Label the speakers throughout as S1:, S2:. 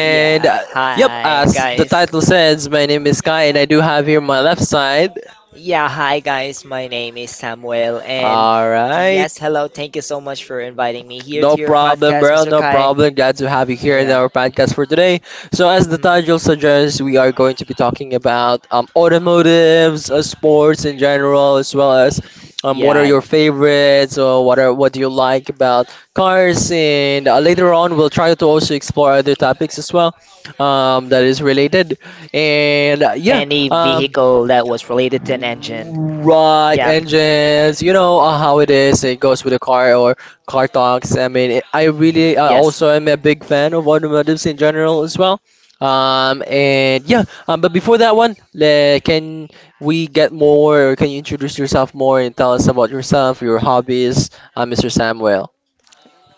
S1: Yeah, hi guys. Yeah, hi guys. My name is Samuel, and yes, hello. Thank you so much for inviting me here to your podcast, Mr. Kai. Yeah. Mhm. Yeah. Any vehicle that was related to an engine. Yeah. Mhm. Yes.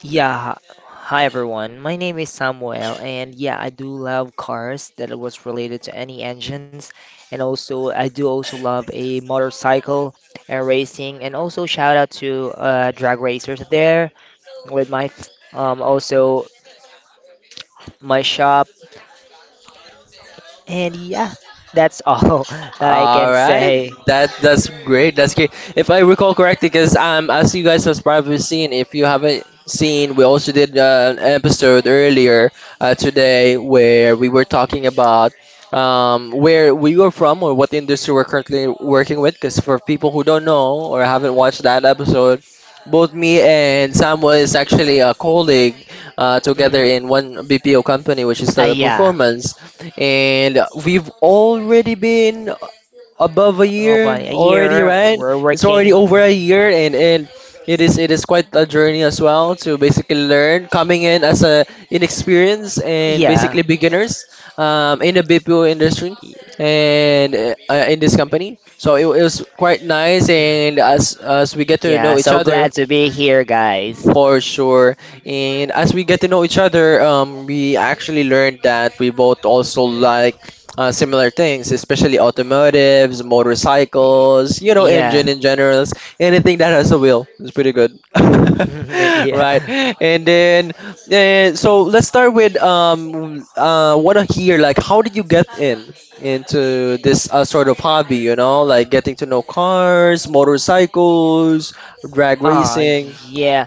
S1: Yeah. Hi everyone. My name is Samuel, and yeah, I do love cars that it was related to any engines, and also I do also love a motorcycle and racing, and also shout out to drag racers there with my, also my shop. And yeah, that's all that I can say. Mm, yeah, about a year. We're working. Yeah, y- yeah. So glad to be here, guys. Y- Yeah, yeah. Ah, yeah.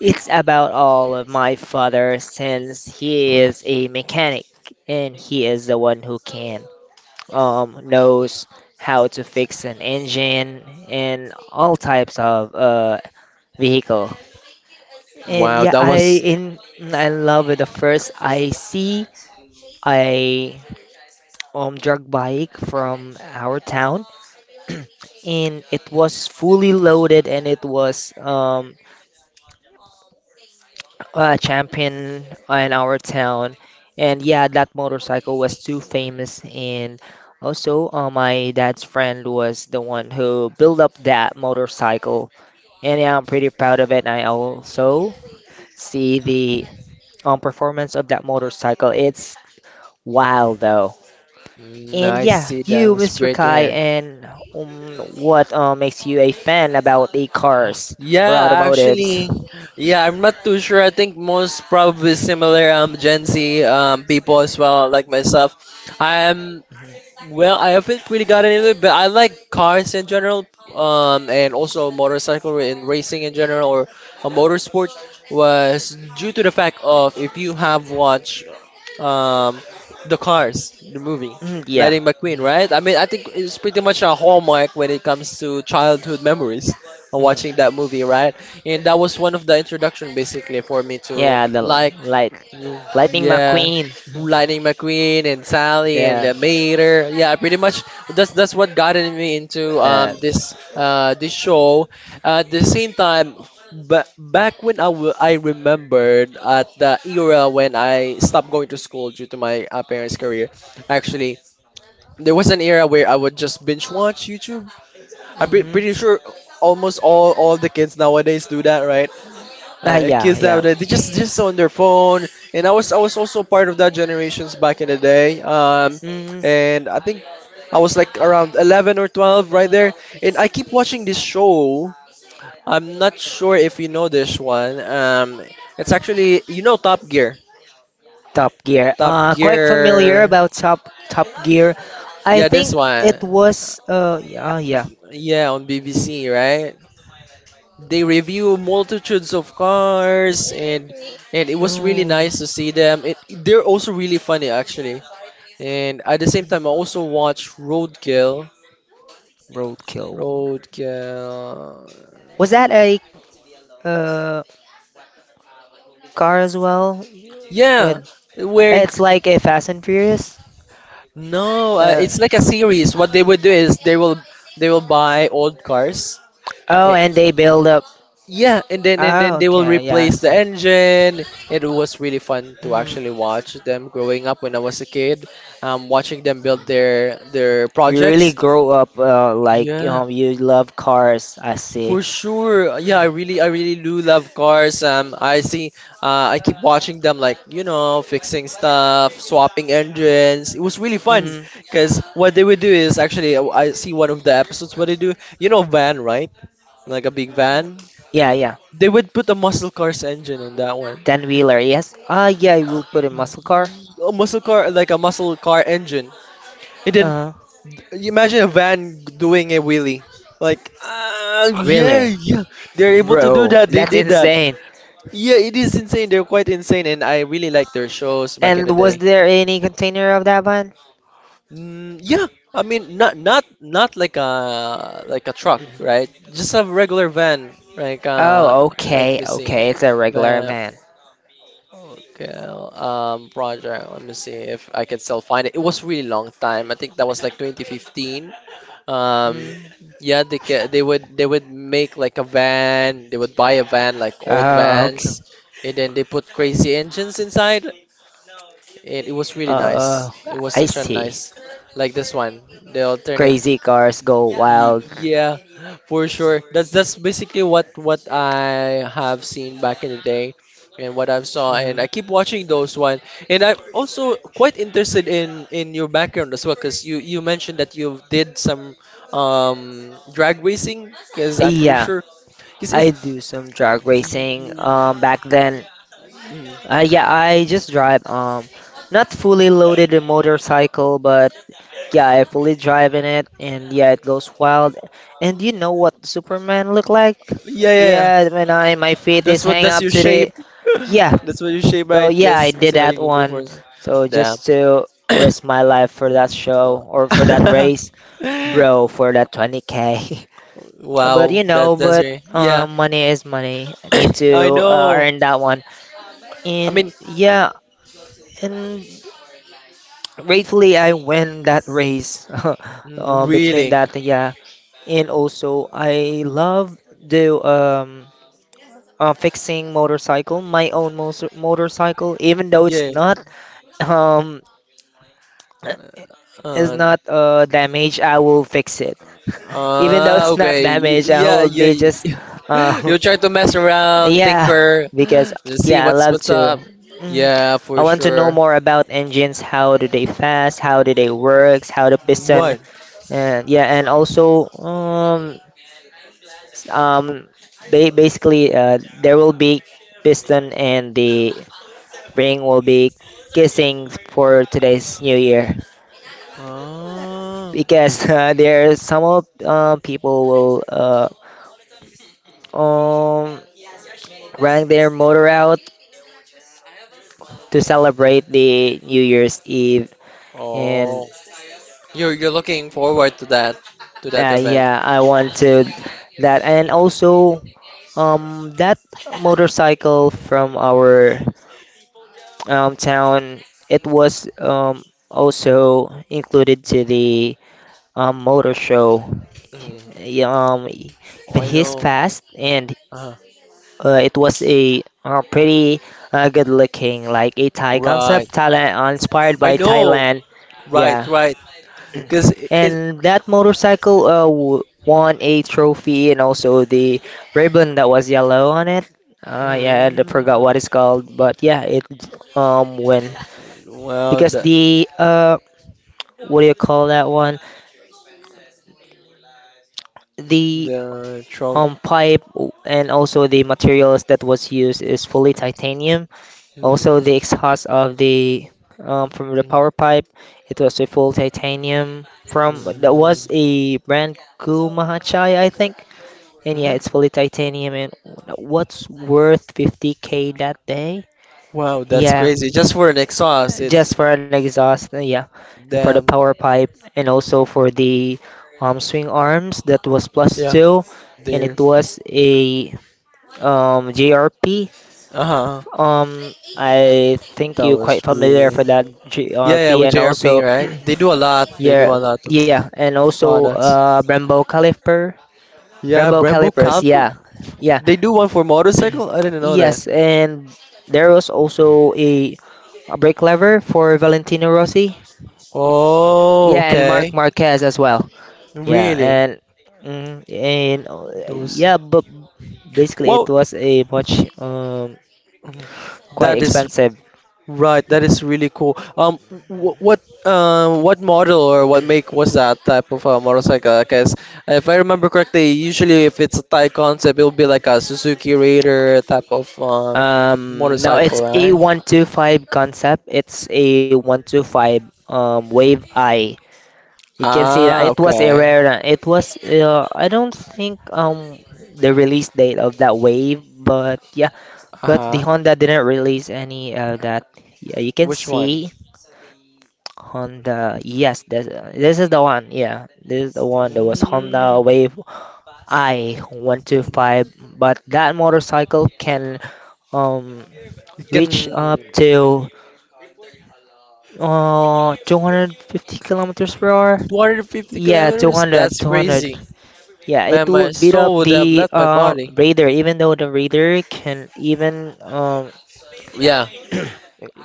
S1: It's about all of my father since he is a mechanic, and he is the one who can, knows how to fix an engine and all types of vehicle. And yeah, I love it. The first I see a drug bike from our town, and it was fully loaded, and it was, a champion in our town. And yeah, that motorcycle was too famous, and also, my dad's friend was the one who built up that motorcycle, and yeah, I'm pretty proud of it. I also see the, performance of that motorcycle. It's wow, though. And yeah, you, Mr. Kai, and, um, what makes you a fan about the cars or automotives? Mhm. Mhm, yeah. Mhm, mhm. Yeah, the light, Lightning McQueen. Yeah. Uh, mhm. Ah, yeah, yeah. Mm, Top Gear. Quite familiar about Top Gear. I think it was, yeah, yeah. Oh, Roadkill. Was that a uh car as well? Yeah. With, it's like a Fast and Furious. Oh, it's, oh, and they build up. Oh, they will, okay, yeah, I the see. Mm, you really grow up, like, you love cars. I see. Mm-hmm. Yeah, yeah. Ten wheeler, yes. Ah, yeah, I will put a muscle car. Huh. Really, you bro, that's insane. And was there any container of that van? Oh, okay, okay. It's a regular van. Mm. Oh, okay. Oh, I see. Crazy cars go wild. Hmm. Yeah, I do some drag racing. Back then, yeah, I just drive. Not fully loaded a motorcycle, but yeah, I fully drive in it, and yeah, it goes wild. And you know what Superman look like? Yeah, when I my feet is hang up to the, yeah. Oh yeah, I did that one. So just to risk my life for that show or for that race, bro, for that 20K. But money is money. I need to earn that one. And yeah, and gratefully I win that race. Between that, yeah, and also I love the fixing motorcycle, my own motorcycle, even though it's not um is not damaged, I will fix it. Even though it's not damaged, I will be just uh yeah, because yeah I love to. Mm, I want to know more about engines. How do they fast? How do they work? How the piston? And yeah, and also s- um basically there will be piston and the spring will be kissing for today's new year, because there some of people will, um run their motor out to celebrate the New Year's Eve. And yeah, I want to that, and also that motorcycle from our, town. It was, also included to the, motor show, even he's fast. And it was a, pretty good looking, like a Thai concept, Thailand, inspired by Thailand. Yeah, and that motorcycle won a trophy, and also the ribbon that was yellow on it. Yeah, I forgot what it's called, but yeah it win because the what do you call that one, the pipe, and also the materials that was used is fully titanium. Also the exhaust, of the from the power pipe, it was a full titanium from that was a brand Kumahachai I think, and yeah it's fully titanium, and what's worth 50K that day. Yeah, just for an exhaust, yeah. And for the power pipe, and also for the swing arms that was plus two. And it was a JRP. I think you're quite familiar for that JRP, and also yeah, yeah, and also Brembo caliper, Brembo calipers. Yeah, yeah, yes, and there was also a brake lever for Valentino Rossi. Yeah, and Mark Marquez as well. Yeah, and yeah, but basically it was a much quite expensive. No, it's A125 concept. It's A125, Wave I. You can see that it was a rare. It was, I don't think the release date of that Wave, but yeah, but the Honda didn't release any of that. Yeah, you can see Honda. Yes, this is the one. Yeah, this is the one. There was Honda Wave I 125, but that motorcycle can um reach up to, 250 kilometers per hour? Yeah, 200, 200. Yeah, it will beat up the Raider, even though the Raider can even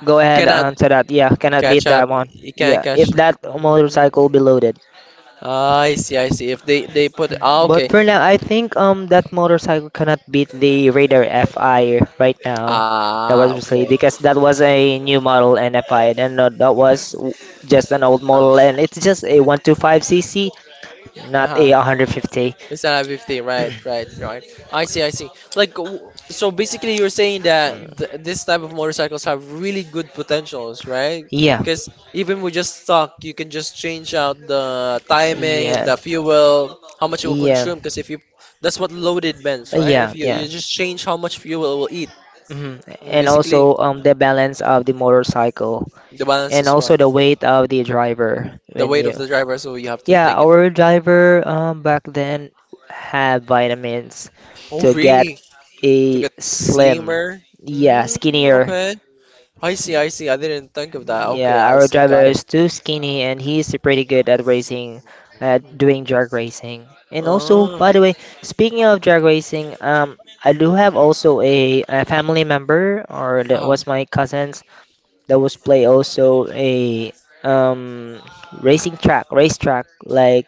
S1: go ahead onto that. Yeah, cannot beat that one. Yeah, if that motorcycle be loaded. But for now, I think that motorcycle cannot beat the Raider FI right now. That was recently because that was a new model and FI, and that was just an old model, and it's just a 125cc. Not a 150. Mm, yeah. Yeah. Yeah. Yeah, yeah. Hmm. And also the balance of the motorcycle and also the weight of the driver. When you, yeah, our driver back then had vitamins to get a slim, yeah, skinnier. Yeah, our driver is too skinny and he's pretty good at racing, at doing drag racing. And also, by the way, speaking of drag racing, I do have also a family member, or that was my cousins, that was play also a um racing track, racetrack. Like,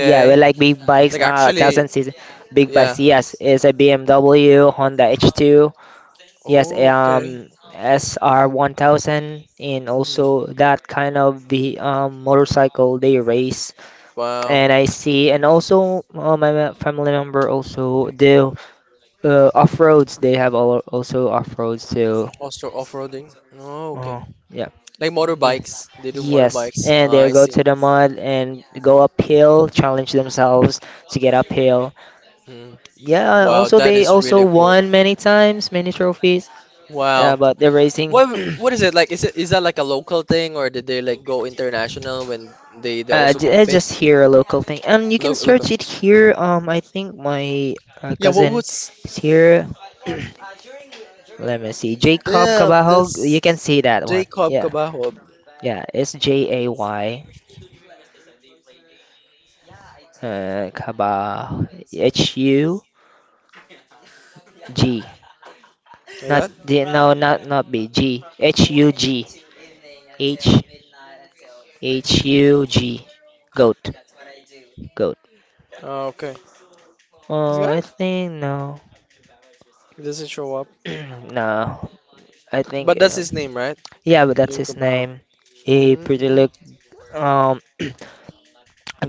S1: yeah, we like big bikes, thousand cc, big bikes. Yes, it's a BMW Honda H2. Yes, SR1000, and also that kind of the motorcycle they race. And I see, and also my family member also do off-roads. They have all, also off-roads too. Oh, yeah. Yeah. Yes, and they go to the mud and go uphill, challenge themselves to get uphill. Yeah, also they also won many times, many trophies. Yeah, but they're racing. It's just here a local thing, and you can search it here. I think my cousin is here. Let me see, Jacob Cabajal. You can see that one. Yeah, yeah, it's Jay Cabal Hug. Not D, no, not B. G. Hug. H Hug. Goat. Goat. Oh, I think no. No. I think yeah, but that's his name. He pretty look um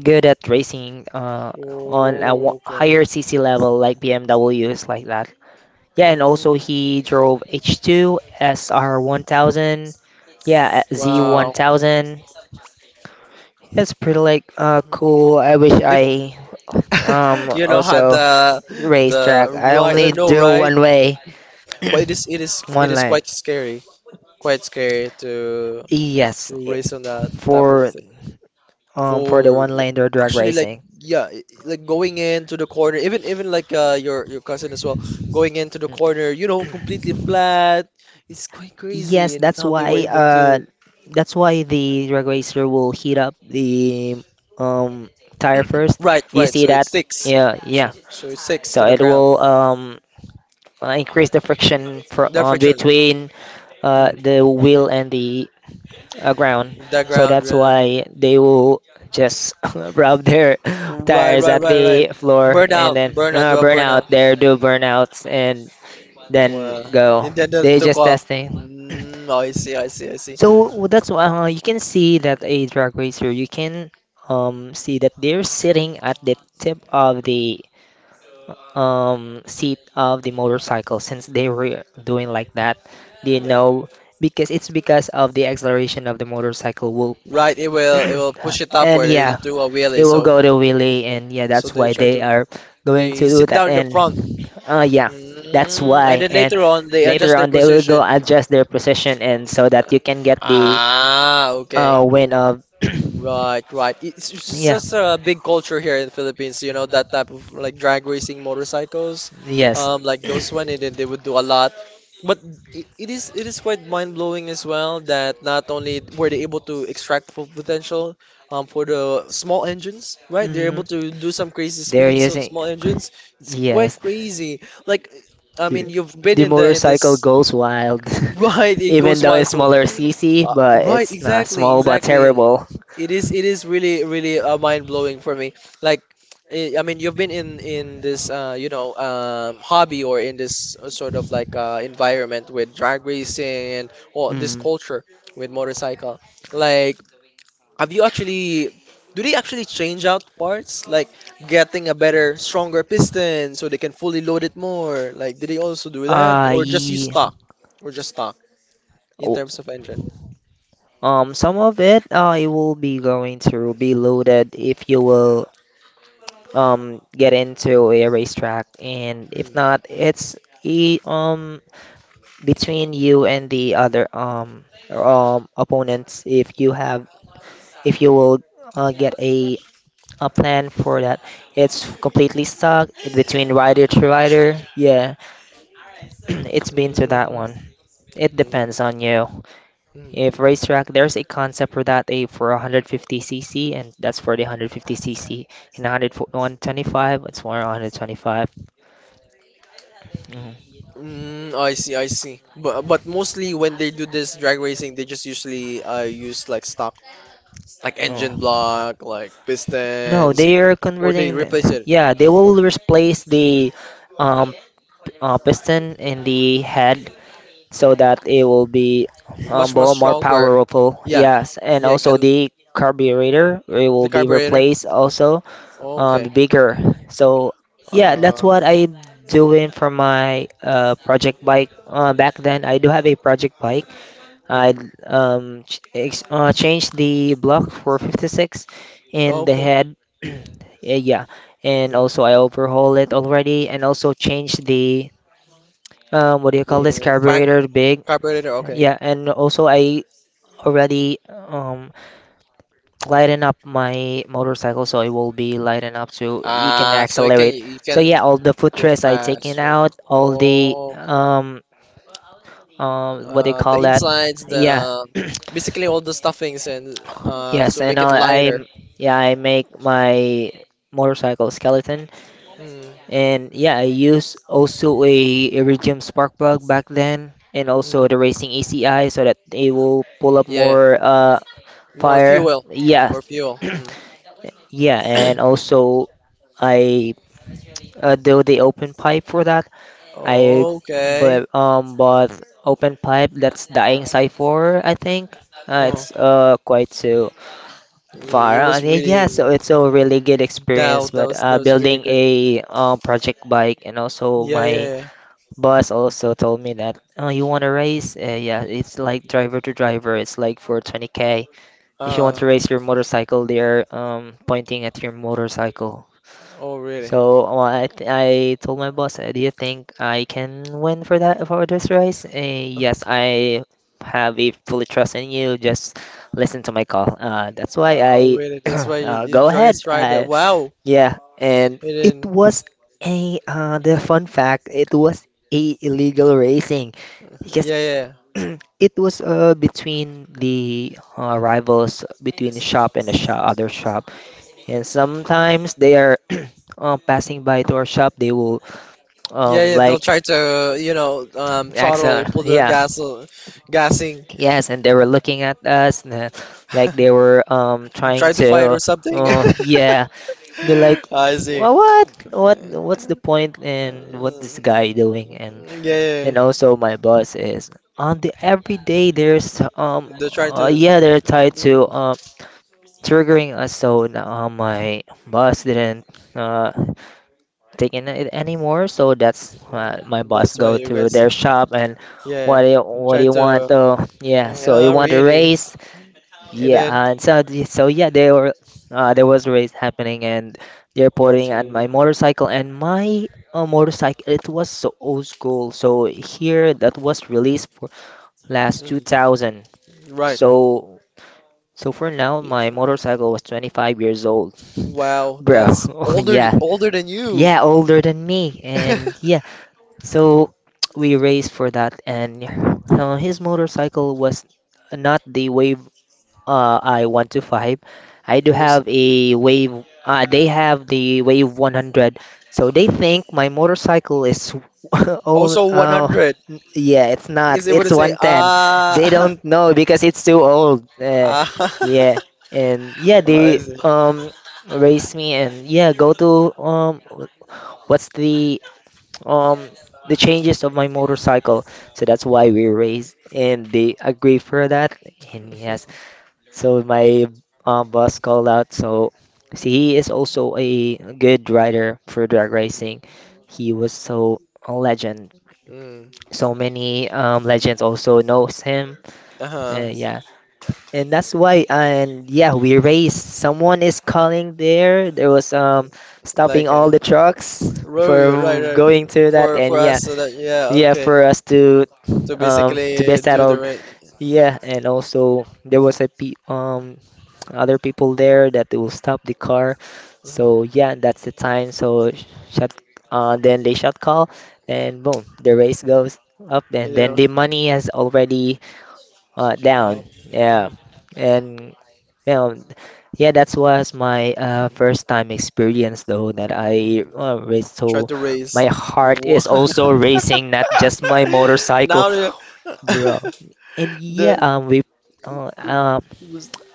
S1: good at racing on a higher CC level like BMWs like that. Yeah, and also he drove H2 SR1000, yeah, Z1000. That's pretty like cool. I wish I also racetrack. I only do one way, one lane. Yes, for, for the one lane or drag racing. Yes, that's why the drag racer will heat up the um tire first. You see that? Yeah, yeah. So it will increase the friction for, between the wheel and the, ground. So that's why they will just rub their tires at the floor, and then burn out. They do burnouts and then go. They just testing. So that's why you can see that a drag racer, you can, see that they're sitting at the tip of the seat of the motorcycle since they were doing like that, do you know, because it's because of the acceleration of the motorcycle will and yeah it will go to wheelie. And yeah that's why they are going to do that, and yeah, that's why. And later on they will go adjust their position and so that you can get the win of, yeah, yes. Hmm. They're using, yes. The, the motorcycle goes wild, even though it's smaller CC, but it's not small but terrible. Mm. Uh, ye- oh, some of it it will be going to be loaded if you will get into a racetrack, and if not it's e between you and the other opponents. If you have, if you will get a plan for that. It's completely stuck in between rider to rider, yeah. It's been to that one. It depends on you. If racetrack there's a concept for that, a for 150cc, and that's for the 150cc. And 100 125, it's for 125. No, they are converting the, yeah, they will replace the um piston in the head so that it will be more powerful. Yes, and also the carburetor it will be replaced also, bigger. So yeah, that's what I doing for my project bike. Back then I do have a project bike. I change the block for 56 and the head. Yeah, and also I overhaul it already, and also change the what do you call this, carburetor big. Yeah, and also I already lighten up my motorcycle so it will be lighten up so you can accelerate. So yeah, all the footrest I taken out, all the what do you call that? Yeah. Yes, and I, yeah, I make my motorcycle skeleton, and yeah I use also a Iridium spark plug back then, and also the racing ECI so that it will pull up more fire. Yeah, yeah, and also I do the open pipe for that. I But bought open pipe that's dying side for I think. It's quite so far. Yeah, so it's a really good experience. But building a project bike, and also my boss also told me that, oh, you want to race? Yeah, it's like driver to driver. It's like for 20K. If you want to race your motorcycle, they're pointing at your motorcycle. I told my boss, do you think I can win for that, for this race? Yes, I have a fully trust in you. Just listen to my call. That's why I go ahead. Yeah, and it was a the fun fact. It was a illegal racing because it was between the rivals between the shop and the shop, other shop, and sometimes they are passing by to our shop, they will like Excel. Yeah. Yes, and they were looking at us like they were trying to, oh yeah, they're like, "Wha- what what what's the point and what this guy doing?" And then also my boss is on the every day there's yeah they're tied to triggering us. So now, my boss didn't uh taking it anymore. So that's my boss go to their shop. And what do you want? Oh, yeah. So you want a raise? Yeah. And so yeah, they were there was a race happening, and they're putting on my motorcycle. And my motorcycle, it was so old school. So here that was released for last 2000. So so for now my motorcycle was 25 years old, bro. Yeah. Yeah, older than me. And yeah, so we raced for that, and his motorcycle was not the Wave, I 125. I do have a Wave, they have the Wave 100. So they think my motorcycle is old. Yeah, it's not. It's 110. They don't know because it's too old. Yeah, and yeah, they race me and yeah, go to what's um the changes of my motorcycle. So that's why we raised and they agree for that. And yes, so my boss called out. So see, he is also a good rider for drag racing. He was so a legend. So many legends also knows him. Yeah, and that's why, and yeah we raced. Someone is calling there was stopping all the trucks from going to that. And yeah, yeah for us to be settled, yeah. And also there was a pe other people there that they will stop the car. So yeah, that's the time. So sh- shut Then they shut call, and boom, the race goes up, and then the money is already down, yeah. And yeah, yeah, that was my first time experience though that I raced. So my heart is also racing, not just my motorcycle, bro. And yeah, we, uh, uh,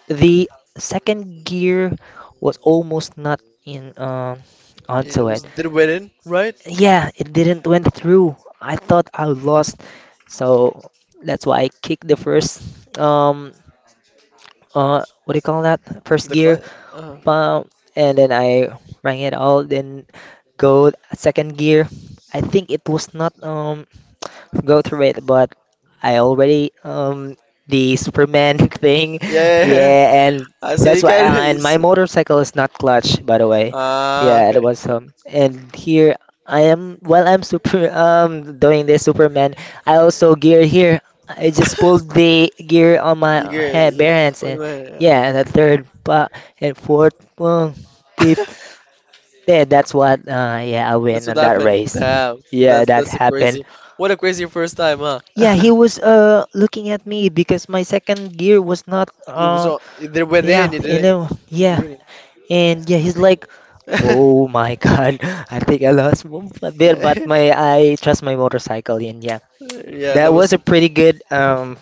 S1: the second gear was almost not in, onto it. Yeah, it didn't went through. I thought I lost, so that's why I kicked the first, um what do you call that? First gear bump, and then I rang it all, then go second gear. I think it was not go through it, but I already the Superman thing, yeah, and that's why. And my motorcycle is not clutch, by the way. Yeah, it was And here I am. While I'm super doing this Superman, I also gear here. I just pulled the gear on my ha bare hands, and yeah, the third, but and fourth, well, fifth. Yeah, that's what. Yeah, I win on that race. Yeah, that happened. Yeah, he was looking at me because my second gear was not yeah, 11. Yeah, and yeah, he's like, "Oh my God, I think I lost 1 foot there." But my, I trust my motorcycle, and yeah, that was a pretty good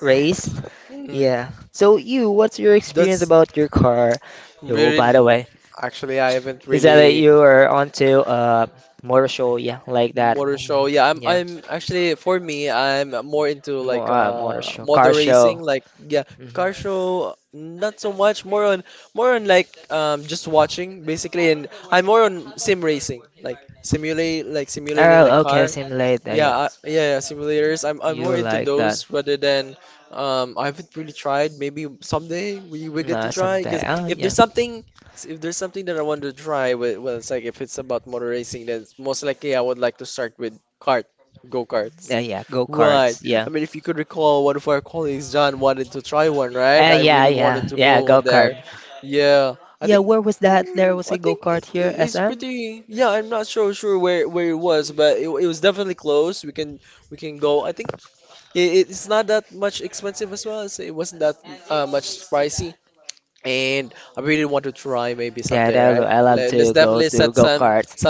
S1: race. Yeah. So you, what's your experience about your car? Yo, by the way. Is that you are onto a motor show? Yeah, like that. Mhm. Yeah, mo motor show, car show. Hmm. Oh, okay, simulate. Yeah, you like that. No, someday. Oh, yeah. Yeah, yeah, go karts. Yeah. Yeah, yeah, yeah, go kart. Yeah, where was that? There was a go-kart here, SM? Yeah, I love to go karts.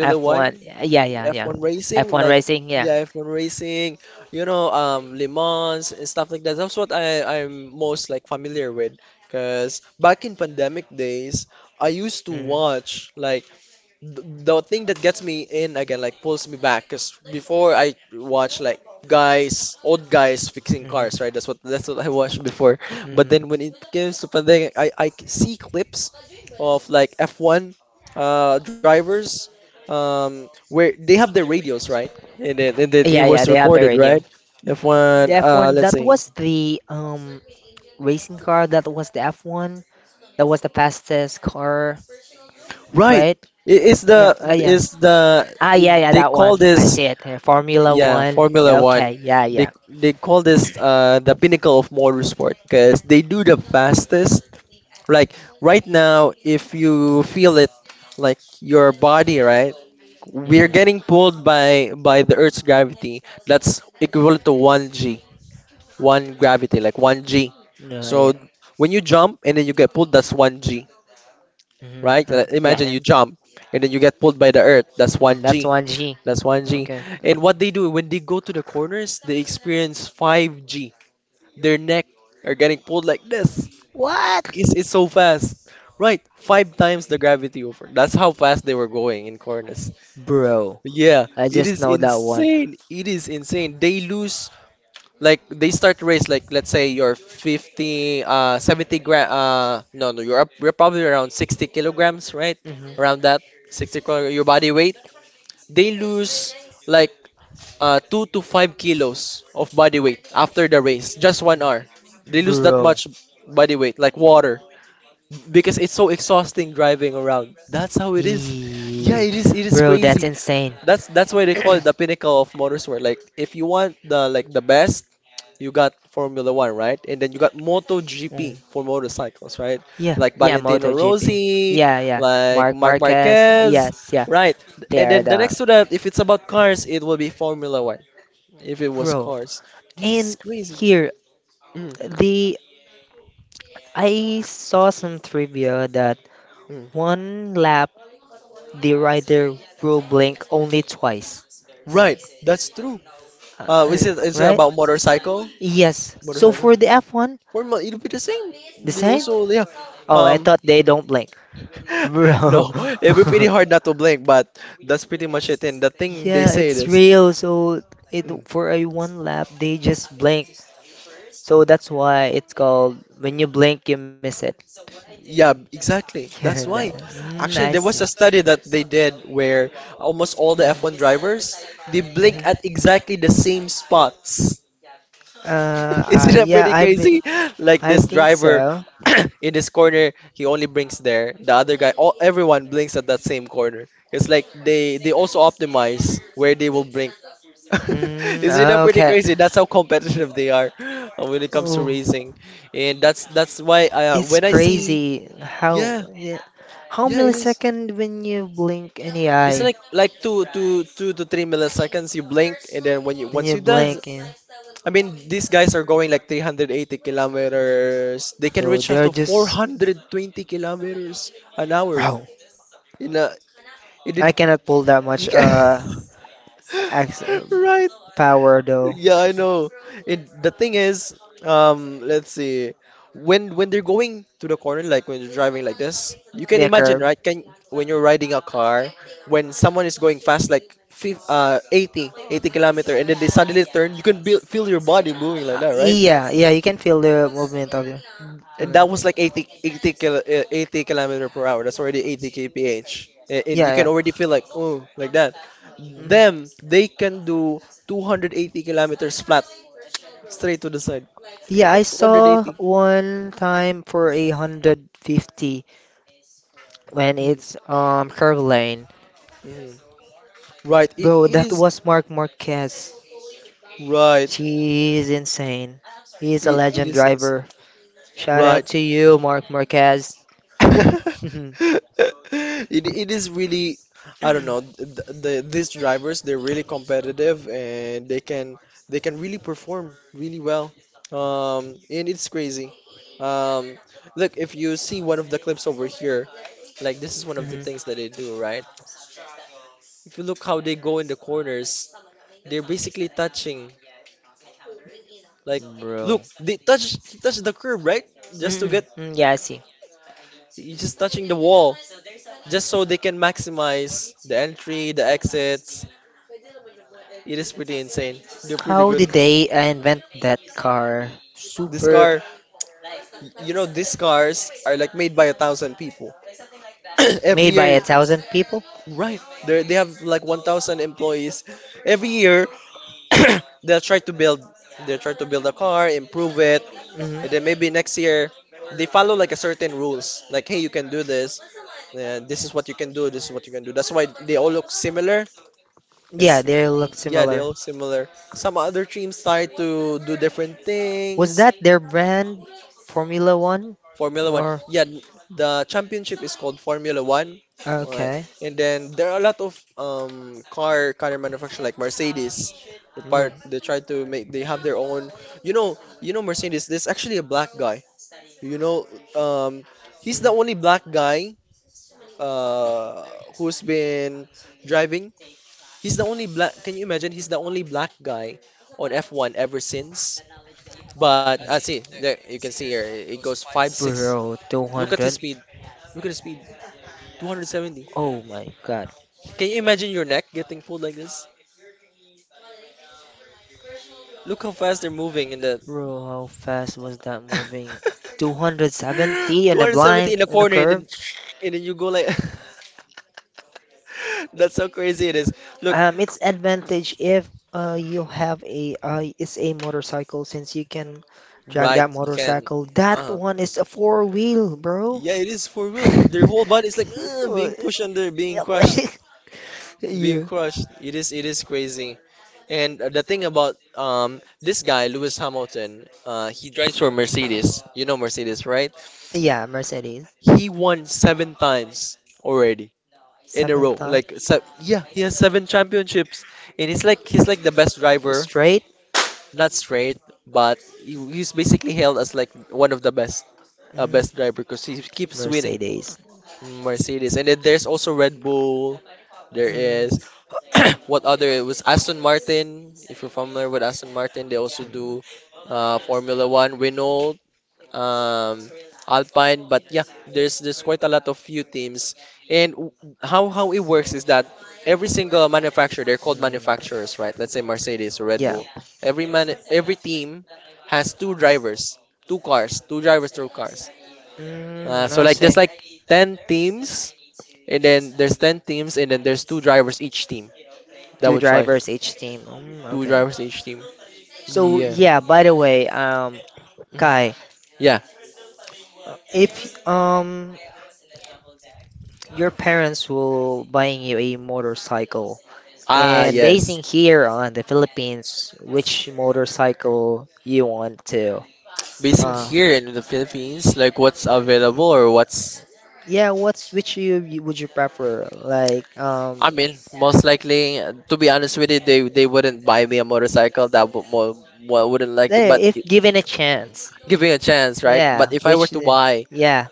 S1: F1. Yeah, yeah, yeah, yeah. F1 racing, yeah. Mhm. Mhm. Mhm. Yeah, yeah, they have the radio. The F1, that was the racing car, that was the F1, that was the fastest car, right? Yeah, yeah. Ah, yeah, yeah, that one. I see it here. Formula One. Yeah, okay, yeah, yeah. Mm-hmm. No, yeah. Mm-hmm. Huh. Yeah, yeah. Mm, One G, that's 1G. Okay. What? Bro. I just know that one. Hmm. Bro. Yee. Bro, that's insane. Mm. Yeah, yeah, MotoGP. Yeah, yeah. Mark Marquez. Yes, yeah. They are the, bro. And here the, I saw some trivia that one lap the rider will blink only twice. Uh, uh, right? Yes. So for the F1, the same? Oh, I thought they don't blink. Bro. Yeah, it's real. So it for a one lap, they just blink. So that's why it's called, when you blink, you miss it. Yeah, that, mm, I see. Mm-hmm. Mm-hmm. Yeah, I think so. Mm, okay. Oh, it's crazy how, yeah, how millisecond when you blink any eye, when you blink, and so they are just, bro. I cannot pull that much ax- power though. Yeah, curve. Yeah, yeah, you can feel the movement of your. I don't know. Yeah, yeah. Mm. Yeah, I saw one time for 150 when it's curve lane. Bro, that was Mark Marquez. She is insane. He is a legend driver. Shout out to you, Mark Marquez. Mhm. Bro. Mm-mm. Mm, yeah, I see. How did they invent that car? Super, made by a thousand people? Mhm. Yeah, they look similar. Was that their brand, Formula One? Or okay. Mm. Mhm. Bro, 200. Oh my God. Bro, how fast was that moving? 270 in a blind in a curve. It's advantage if you have a it's a motorcycle since you can drag that motorcycle. That one is a four-wheel, bro. Yeah, yeah, Mercedes. Seventh time straight. Mm, Mercedes. Mm, mm, mm. Yeah. Mm, I say. Two drivers each team. Mm, okay. So yeah, by the way, Kai, if um your parents will buying you a motorcycle and basing here on the Philippines, which motorcycle you want to? Uh, yeah, what's which you would you prefer? Like if given a chance, yeah, which, yeah.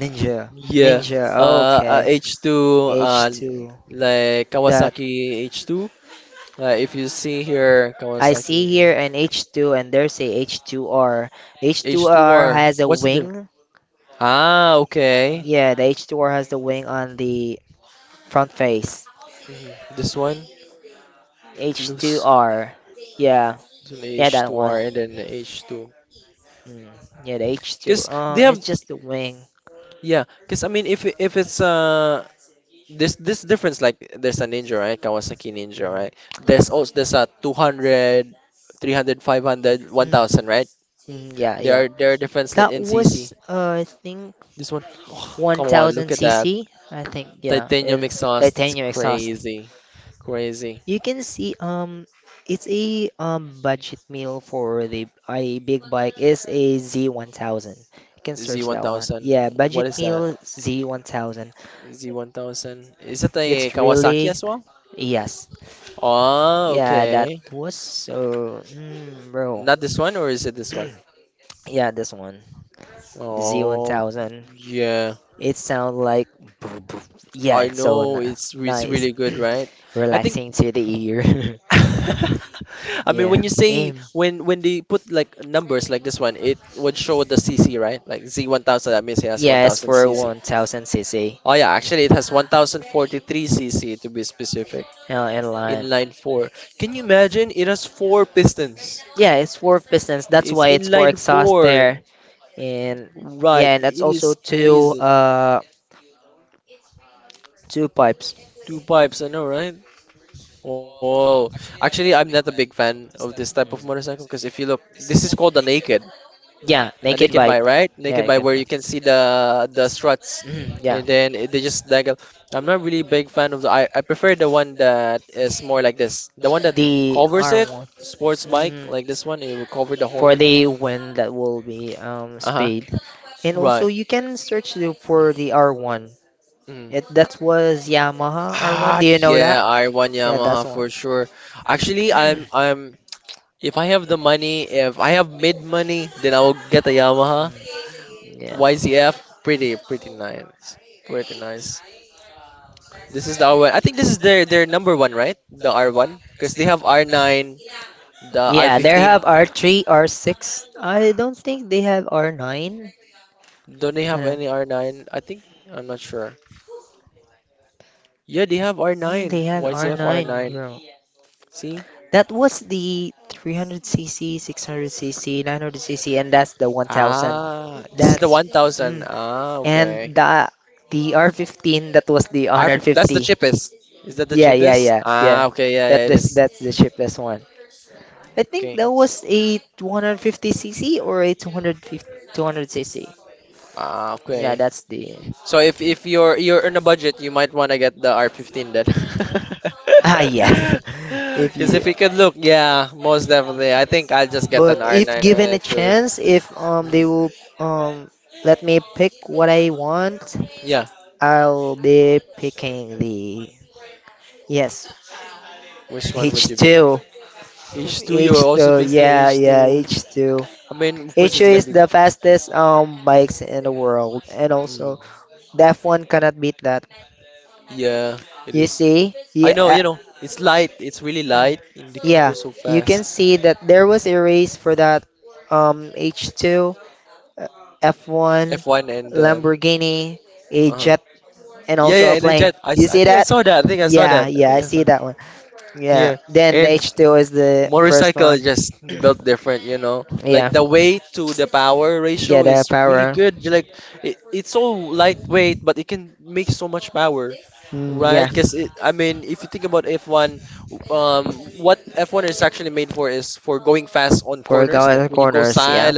S1: Ninja. Ninja. Okay. H2. That. I see here an H2 and there's a H2R. H2R has a wing. Yeah, the H2R has the wing on the front face. H2R. Yeah. Yeah, that one. Mm. Yeah, the H2. It's just the wing. Mm. Mm. Mm, yeah, yeah. That was, I think, 1000 cc. I think, yeah. It, titanium exhaust. You can see it's a budget meal for the a big bike is a Z1000. You can search that one. Yeah, budget meal Z1000. It's really, yes. Yeah, that was so, mm, bro. Yeah, this one. The Z1000. It sound like, yeah, it's so nice. Relaxing to the ear. Yeah. Aim. Yeah, it's for 1000 cc in line. Yeah, it's for pistons. That's why it's for exhaust there. And, yeah, and that's also two pipes. Mm. Yeah, naked bike. Yeah, naked bike. Mhm, yeah, the R1, mhm, for the wind that will be speed, and also you can search for the R1. It That was Yamaha R1. Do you know that? Yeah, that's one. Mm, yeah. Yeah, they have R3, R6. I don't think they have R9. Do they do mm, they have R9, bro. That was the 300cc, 600cc, 900cc, and that's the 1000. The That's 1000. And the R15, that was the that's the 150. Yeah, yeah, yeah. Ah, yeah. Okay, yeah. That yeah, is that's the cheapest one. I think that was a 250cc, or a 250, 200cc. Yeah, that's the, yeah. if you But if given a chance, if they will, um let me pick what I want. I'll be picking the, yes H2 H2 yeah, yeah, H2. H2 is the fastest bikes in the world, and also the F1 cannot beat that. You see? Yeah. Yeah, you can see that there was a race for that, H2, uh, F1, Lamborghini, a jet, and also a plane. You see that? Yeah, yeah, I see that one. Yeah, then the H2 is the first one. Yeah, yeah, the power. Mm, yeah, for going corners. Yeah,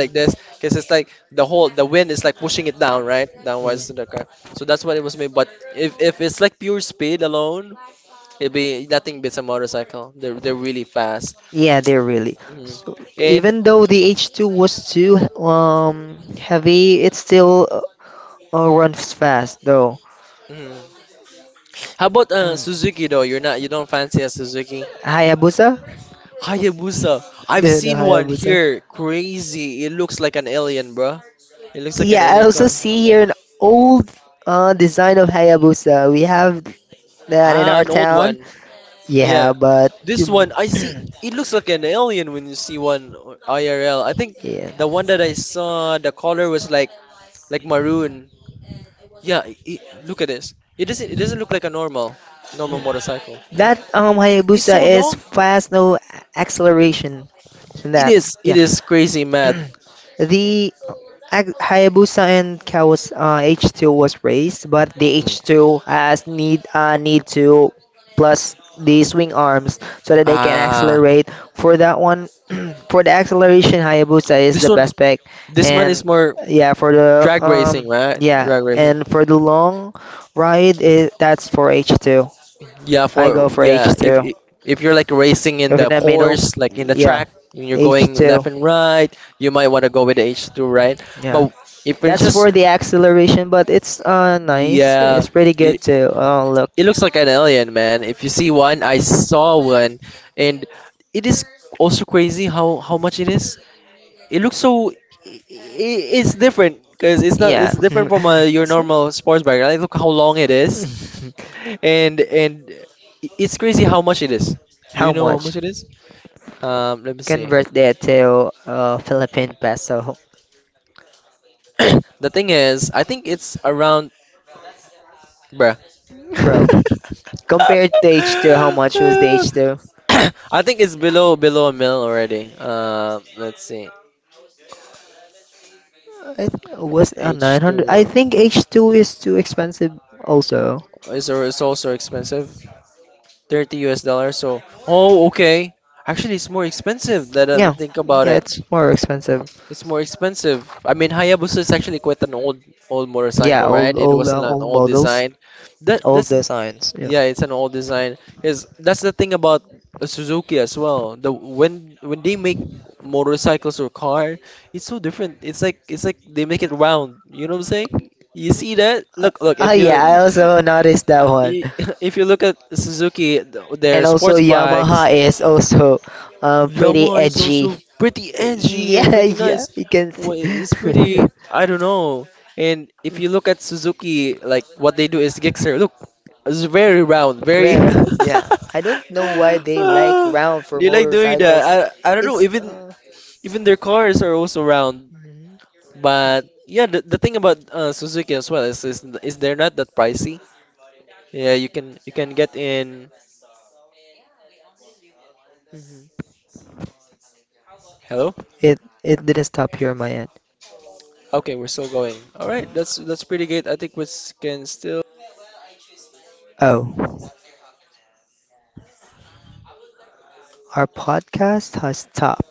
S1: mm, yeah, they are really. So even though the H2 was too heavy, it's still, oh, runs fast though. Mm. Hayabusa? The Hayabusa. Yeah, I also see here an old, design of Hayabusa. We have that in our town. Yeah, but you- yeah. Mm. That Hayabusa is fast, no acceleration. In That Yeah, the Hayabusa and Kawas H2 was raised, but the H2 has need to plus the swing arms so that they can accelerate. For that one, for the acceleration, Hayabusa is the best pick, and, yeah, for the, yeah, and for the long ride, it, that's for H2. I go for H2. Over the middle, yeah, H2, yeah. That's for the acceleration, but it's nice. It's pretty good too. Oh look, yeah. How much? Convert that to Philippine peso, bro. Compared to H2, how much was the H2? It was 900. I think H2 is too expensive also. Yeah. Yeah, it's more expensive. Yeah, old models, old designs. Yeah. Uh, yeah, I also noticed that one. And also Yamaha is also, pretty edgy. Yeah. Yeah, you can see. Very round, yeah. I don't know why they like round for motorcycles. It's mhm, mhm. It didn't stop here on my end. Oh, our podcast has stopped.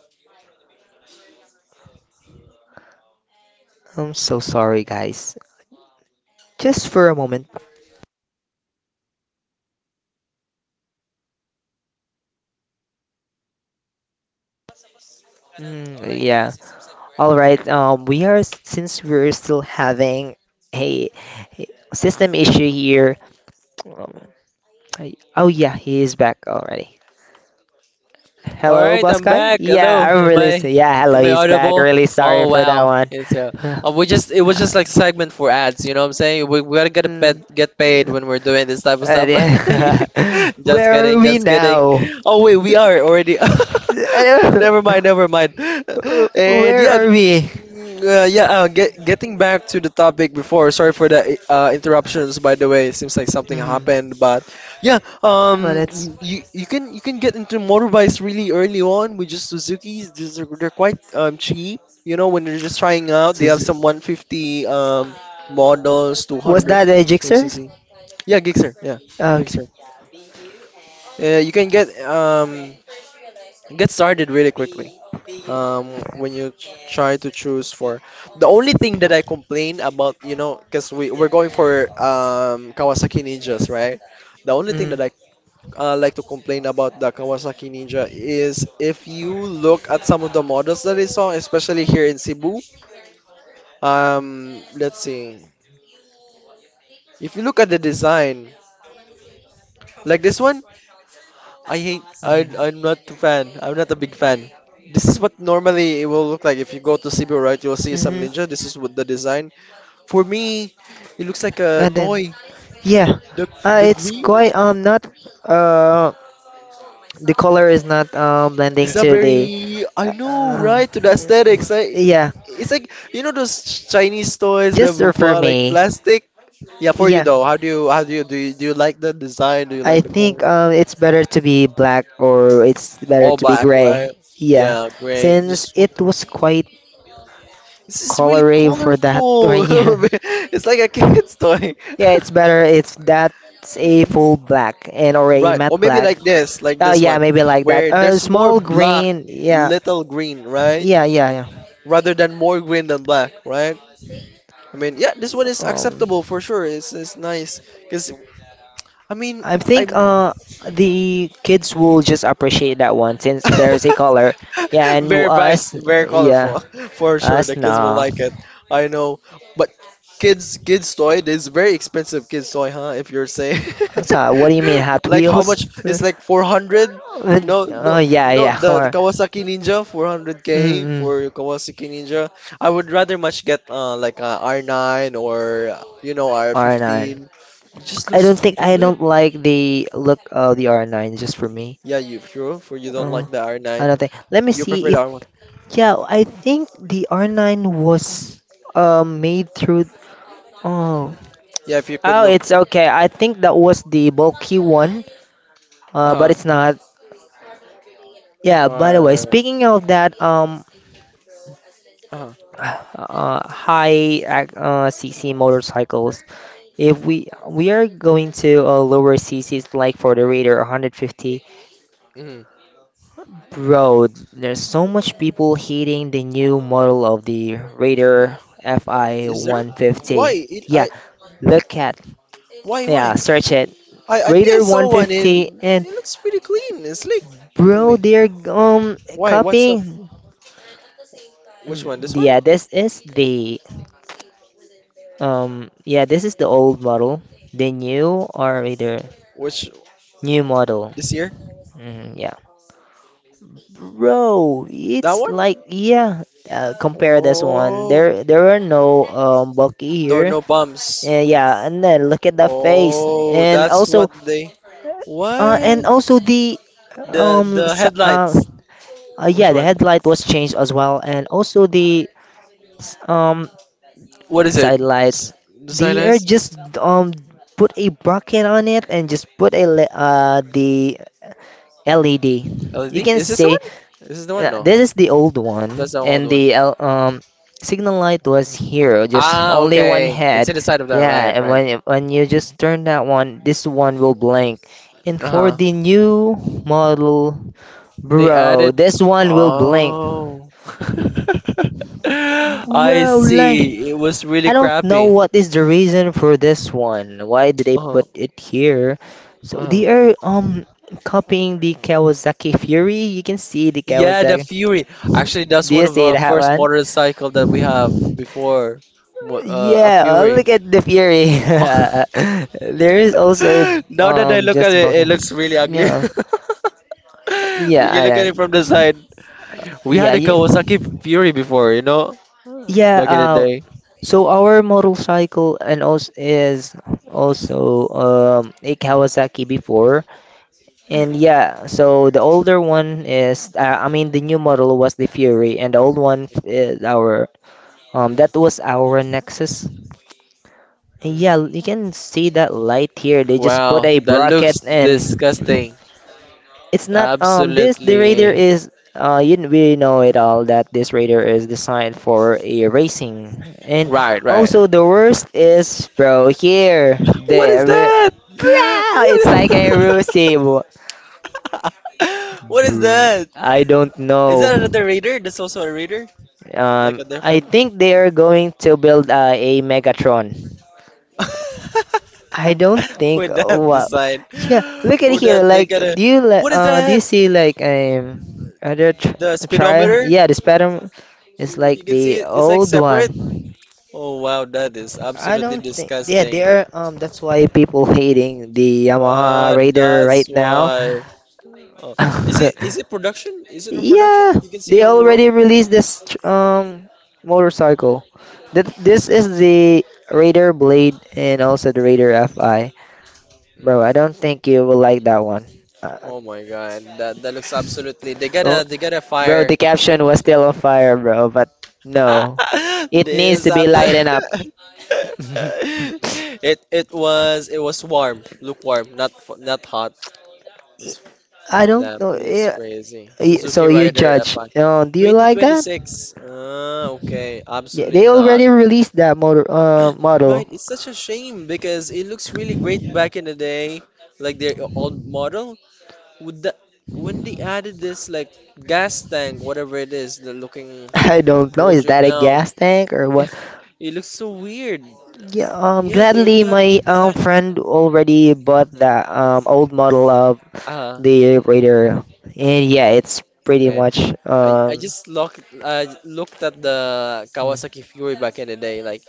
S1: I'm so sorry, guys. Just for a moment. Mm, yeah. All right. We are since we're still having a a system issue here. Um, oh yeah, he is back already.
S2: All
S1: Hello,
S2: right,
S1: boss
S2: I'm
S1: guy.
S2: back. Hello,
S1: Yeah,
S2: am I
S1: yeah. Hello,
S2: am I
S1: he's back.
S2: audible?
S1: Really sorry
S2: Oh
S1: for that
S2: wow,
S1: one.
S2: yeah, so we just it was just
S1: Uh,
S2: like segment for ads. You know what I'm saying? We gotta get a pet, get paid
S1: mm,
S2: when we're doing this type of stuff.
S1: yeah.
S2: Just
S1: Where are
S2: kidding,
S1: we
S2: just kidding.
S1: now?
S2: Oh wait, we are already.
S1: I don't-
S2: Never mind, never mind. And
S1: Where
S2: yeah,
S1: are we?
S2: getting back to the topic before. Sorry for the interruptions. By the way, seems like something
S1: Mm,
S2: happened, but yeah.
S1: but it's
S2: You can get into motorbikes really early on with just Suzuki's. These are, they're quite cheap. You know, when they're just trying out, they have some 150 models,
S1: was
S2: 200
S1: that a jigsaw?
S2: cc. Yeah, Gixxer. Yeah,
S1: Okay.
S2: Gixxer. You can get started really quickly. Try to choose for the only thing that I complain about, you know, because we're going for Kawasaki Ninjas, right? The only thing that
S1: Mm-hmm.
S2: I like to complain about the Kawasaki Ninja is if you look at some of the models that I saw, especially here in Cebu, let's see. If you look at the design, like this one, I hate. I'm not a fan. I'm not a big fan. This is what normally it will look like if you go to Cebu, right? You'll see some
S1: Mm-hmm.
S2: ninja. This is what the design. For me, it looks like a
S1: And then,
S2: toy.
S1: yeah,
S2: The the
S1: it's
S2: green.
S1: quite not, uh the color is not blending
S2: It's not
S1: to the,
S2: very. I know,
S1: uh,
S2: right? To the aesthetics, I.
S1: yeah.
S2: It's like you know those Chinese toys that
S1: Just
S2: we
S1: for
S2: bought, like
S1: me,
S2: plastic. Yeah, for you
S1: yeah,
S2: though. How do you? How do you? Do you like the design? Do you
S1: I
S2: like the color?
S1: think it's better to be black, or it's better
S2: All
S1: to be
S2: black,
S1: gray,
S2: right?
S1: yeah,
S2: Yeah, gray,
S1: since
S2: just one
S1: it
S2: tone.
S1: was quite
S2: This is really
S1: colory for that. Right?
S2: colorful.
S1: Yeah.
S2: It's like a kid's toy.
S1: Yeah, it's better if that's a full black and or a
S2: Right. Or
S1: matte
S2: maybe
S1: black.
S2: like
S1: Oh
S2: this
S1: yeah,
S2: one,
S1: maybe like that.
S2: where there's more
S1: Small
S2: black,
S1: green. Yeah,
S2: little green, right?
S1: yeah, yeah, yeah.
S2: Rather than more green than black, right? I mean, yeah, this one is
S1: Um,
S2: acceptable for sure. It's nice because I mean,
S1: I think
S2: I'm.
S1: the kids will just appreciate that one since there's a color. Yeah, and
S2: Very bright,
S1: us,
S2: very
S1: yeah,
S2: colorful. For sure, the
S1: us
S2: kids will
S1: nah.
S2: like it. I know, but kids, kids toy. This is very expensive kids toy, huh? If you're saying,
S1: I'm sorry. What do you mean Hot
S2: like how much?
S1: Wheels?
S2: It's like 400. No,
S1: Oh
S2: no,
S1: yeah,
S2: no.
S1: yeah.
S2: The
S1: Or,
S2: Kawasaki Ninja
S1: mm,
S2: 400k
S1: mm,
S2: for Kawasaki Ninja. I would rather much get like a R9 or you know
S1: R9.
S2: R15. It just
S1: I
S2: looks
S1: don't think.
S2: really
S1: I
S2: good.
S1: don't like the look of the R9, just for me.
S2: Yeah, you sure? For you don't
S1: Uh,
S2: like the
S1: I
S2: R9,
S1: don't think. Let me
S2: you prefer
S1: see
S2: the
S1: if,
S2: R1.
S1: yeah, I think the R9 was made through. Oh.
S2: Yeah, if you could
S1: Oh,
S2: look.
S1: it's okay. I think that was the bulky one. But
S2: Uh-huh.
S1: it's not. Yeah, by the way,
S2: Or
S1: speaking of that,
S2: uh-huh.
S1: CC motorcycles, if we are going to, lower CCs, like for the Raider 150.
S2: Mhm.
S1: Bro, there's so much people hating the new model of the Raider FI
S2: Is there?
S1: 150.
S2: Why? It,
S1: Yeah,
S2: I
S1: look at
S2: why?
S1: yeah, search it.
S2: I think I
S1: Raider
S2: saw one
S1: 150.
S2: in.
S1: And
S2: It looks pretty clean and slick to
S1: bro,
S2: me.
S1: they're
S2: Why? What's up?
S1: copying.
S2: Which
S1: Mm.
S2: one? This one?
S1: Yeah, this is the, yeah, this is the old model. The new or Raider
S2: Which
S1: new model.
S2: this year?
S1: Mm, yeah. Bro,
S2: That
S1: it's
S2: one?
S1: like, yeah. Compare this one.
S2: Oh,
S1: There are no bulky
S2: there are
S1: here.
S2: no bumps.
S1: And, yeah, and then look at the face,
S2: Oh, that's what they. What?
S1: and also the,
S2: The
S1: um,
S2: the
S1: s- uh,
S2: headlights. Which
S1: yeah, the
S2: one?
S1: headlight was changed as well, and also the, s- um,
S2: What is it?
S1: side lights.
S2: S-. The sign
S1: They are
S2: is
S1: just put a bracket on it, and just put a the LED.
S2: LED?
S1: You can
S2: Is this the
S1: say,
S2: one? Is this the one? No,
S1: this is the old one,
S2: that's the old
S1: and
S2: one.
S1: the signal light was here, just
S2: Ah,
S1: only one
S2: okay. It's
S1: head.
S2: in the side of that,
S1: Yeah,
S2: right,
S1: and
S2: right.
S1: when you just turn that one, this one will blink. And for
S2: Uh-huh.
S1: the new model,
S2: They
S1: bro,
S2: added.
S1: this one will blink.
S2: Oh. I
S1: Bro, like
S2: see. It was really
S1: I don't know
S2: crappy.
S1: what is the reason for this one. Why did they put
S2: Uh-huh.
S1: it here? So
S2: Uh-huh.
S1: they are copying the Kawasaki Fury. You can see the
S2: Yeah, the
S1: Kawasaki.
S2: Fury. Actually, that's
S1: Do
S2: one
S1: you
S2: of
S1: see
S2: our
S1: that
S2: first
S1: one?
S2: motorcycle that we have before. A
S1: Yeah, oh,
S2: Fury.
S1: look at the Fury. There is also a,
S2: Now that I look at
S1: just
S2: it, it
S1: volcano.
S2: looks really ugly.
S1: Yeah,
S2: When
S1: yeah,
S2: you
S1: I
S2: look at it from the
S1: know.
S2: side, we
S1: Yeah,
S2: had a
S1: yeah,
S2: Kawasaki Fury before, you know,
S1: yeah.
S2: back in the day.
S1: So our motorcycle, and also is also a Kawasaki before, and yeah. So the older one is, I mean the new model was the Fury, and the old one is our, that was our Nexus.
S2: Mm.
S1: Yeah, you can see that light here. They just put
S2: Wow,
S1: a
S2: that looks
S1: bracket, and
S2: disgusting.
S1: it's not this the radar
S2: Absolutely.
S1: is you, we know it all that this radar is designed for a racing. And
S2: Right, right.
S1: also the worst is, bro, here
S2: What is
S1: there,
S2: that?
S1: bro,
S2: What
S1: it's like a
S2: is.
S1: Rusi. Bro,
S2: What is that?
S1: I don't
S2: Is
S1: know.
S2: that another raider? That's also a raider? Like a
S1: I
S2: different
S1: think they are going to build, a Megatron. I don't think.
S2: with that
S1: Wow.
S2: design.
S1: Yeah, look at
S2: With
S1: here.
S2: that they got a
S1: Like?
S2: what is
S1: Do you
S2: that?
S1: see, like, other tr
S2: The
S1: trial?
S2: speedometer?
S1: Yeah, this pattern is
S2: You
S1: like
S2: can see
S1: the
S2: it, it's like
S1: old
S2: separate.
S1: one.
S2: Oh wow, that is
S1: I
S2: absolutely
S1: don't think. Yeah,
S2: disgusting.
S1: they're. That's why people hating the Yamaha
S2: Ah,
S1: Raider
S2: that's
S1: right now.
S2: why. Oh, is it production? Is it on production?
S1: Yeah,
S2: You can see
S1: they
S2: it on the road.
S1: already released this, motorcycle. That This is the Raider Blade and also the Raider FI. Bro, I
S2: Mm.
S1: don't think you will like that one. Uh,
S2: Oh my God, that that looks absolutely. They
S1: oh,
S2: gotta they gotta
S1: bro,
S2: fire.
S1: the caption was still on fire, bro, but no. It
S2: They
S1: needs
S2: was
S1: to be
S2: abso-.
S1: lightened up.
S2: It was warm, lukewarm, not f- not hot. It's,
S1: I don't
S2: damn,
S1: know.
S2: it is
S1: Yeah,
S2: crazy. Suzuki
S1: so you
S2: Rider
S1: judge.
S2: FI,
S1: Do you like that?
S2: 2026. Okay,
S1: Yeah,
S2: absolutely
S1: they
S2: not.
S1: already released that model.
S2: Right, it's such a shame because it looks really great back in the day, like their old model. With the when they added this like gas tank, whatever it is, the looking
S1: I don't know. Is that
S2: bulging
S1: a
S2: out,
S1: gas tank or what?
S2: it looks so weird.
S1: Yeah.
S2: Yeah, they already
S1: Gladly,
S2: had the
S1: my
S2: good design.
S1: friend already bought that old model of
S2: Ah,
S1: the radar, and yeah, it's pretty
S2: man,
S1: much,
S2: I
S1: um
S2: just looked looked at the Kawasaki Fury back in the day, like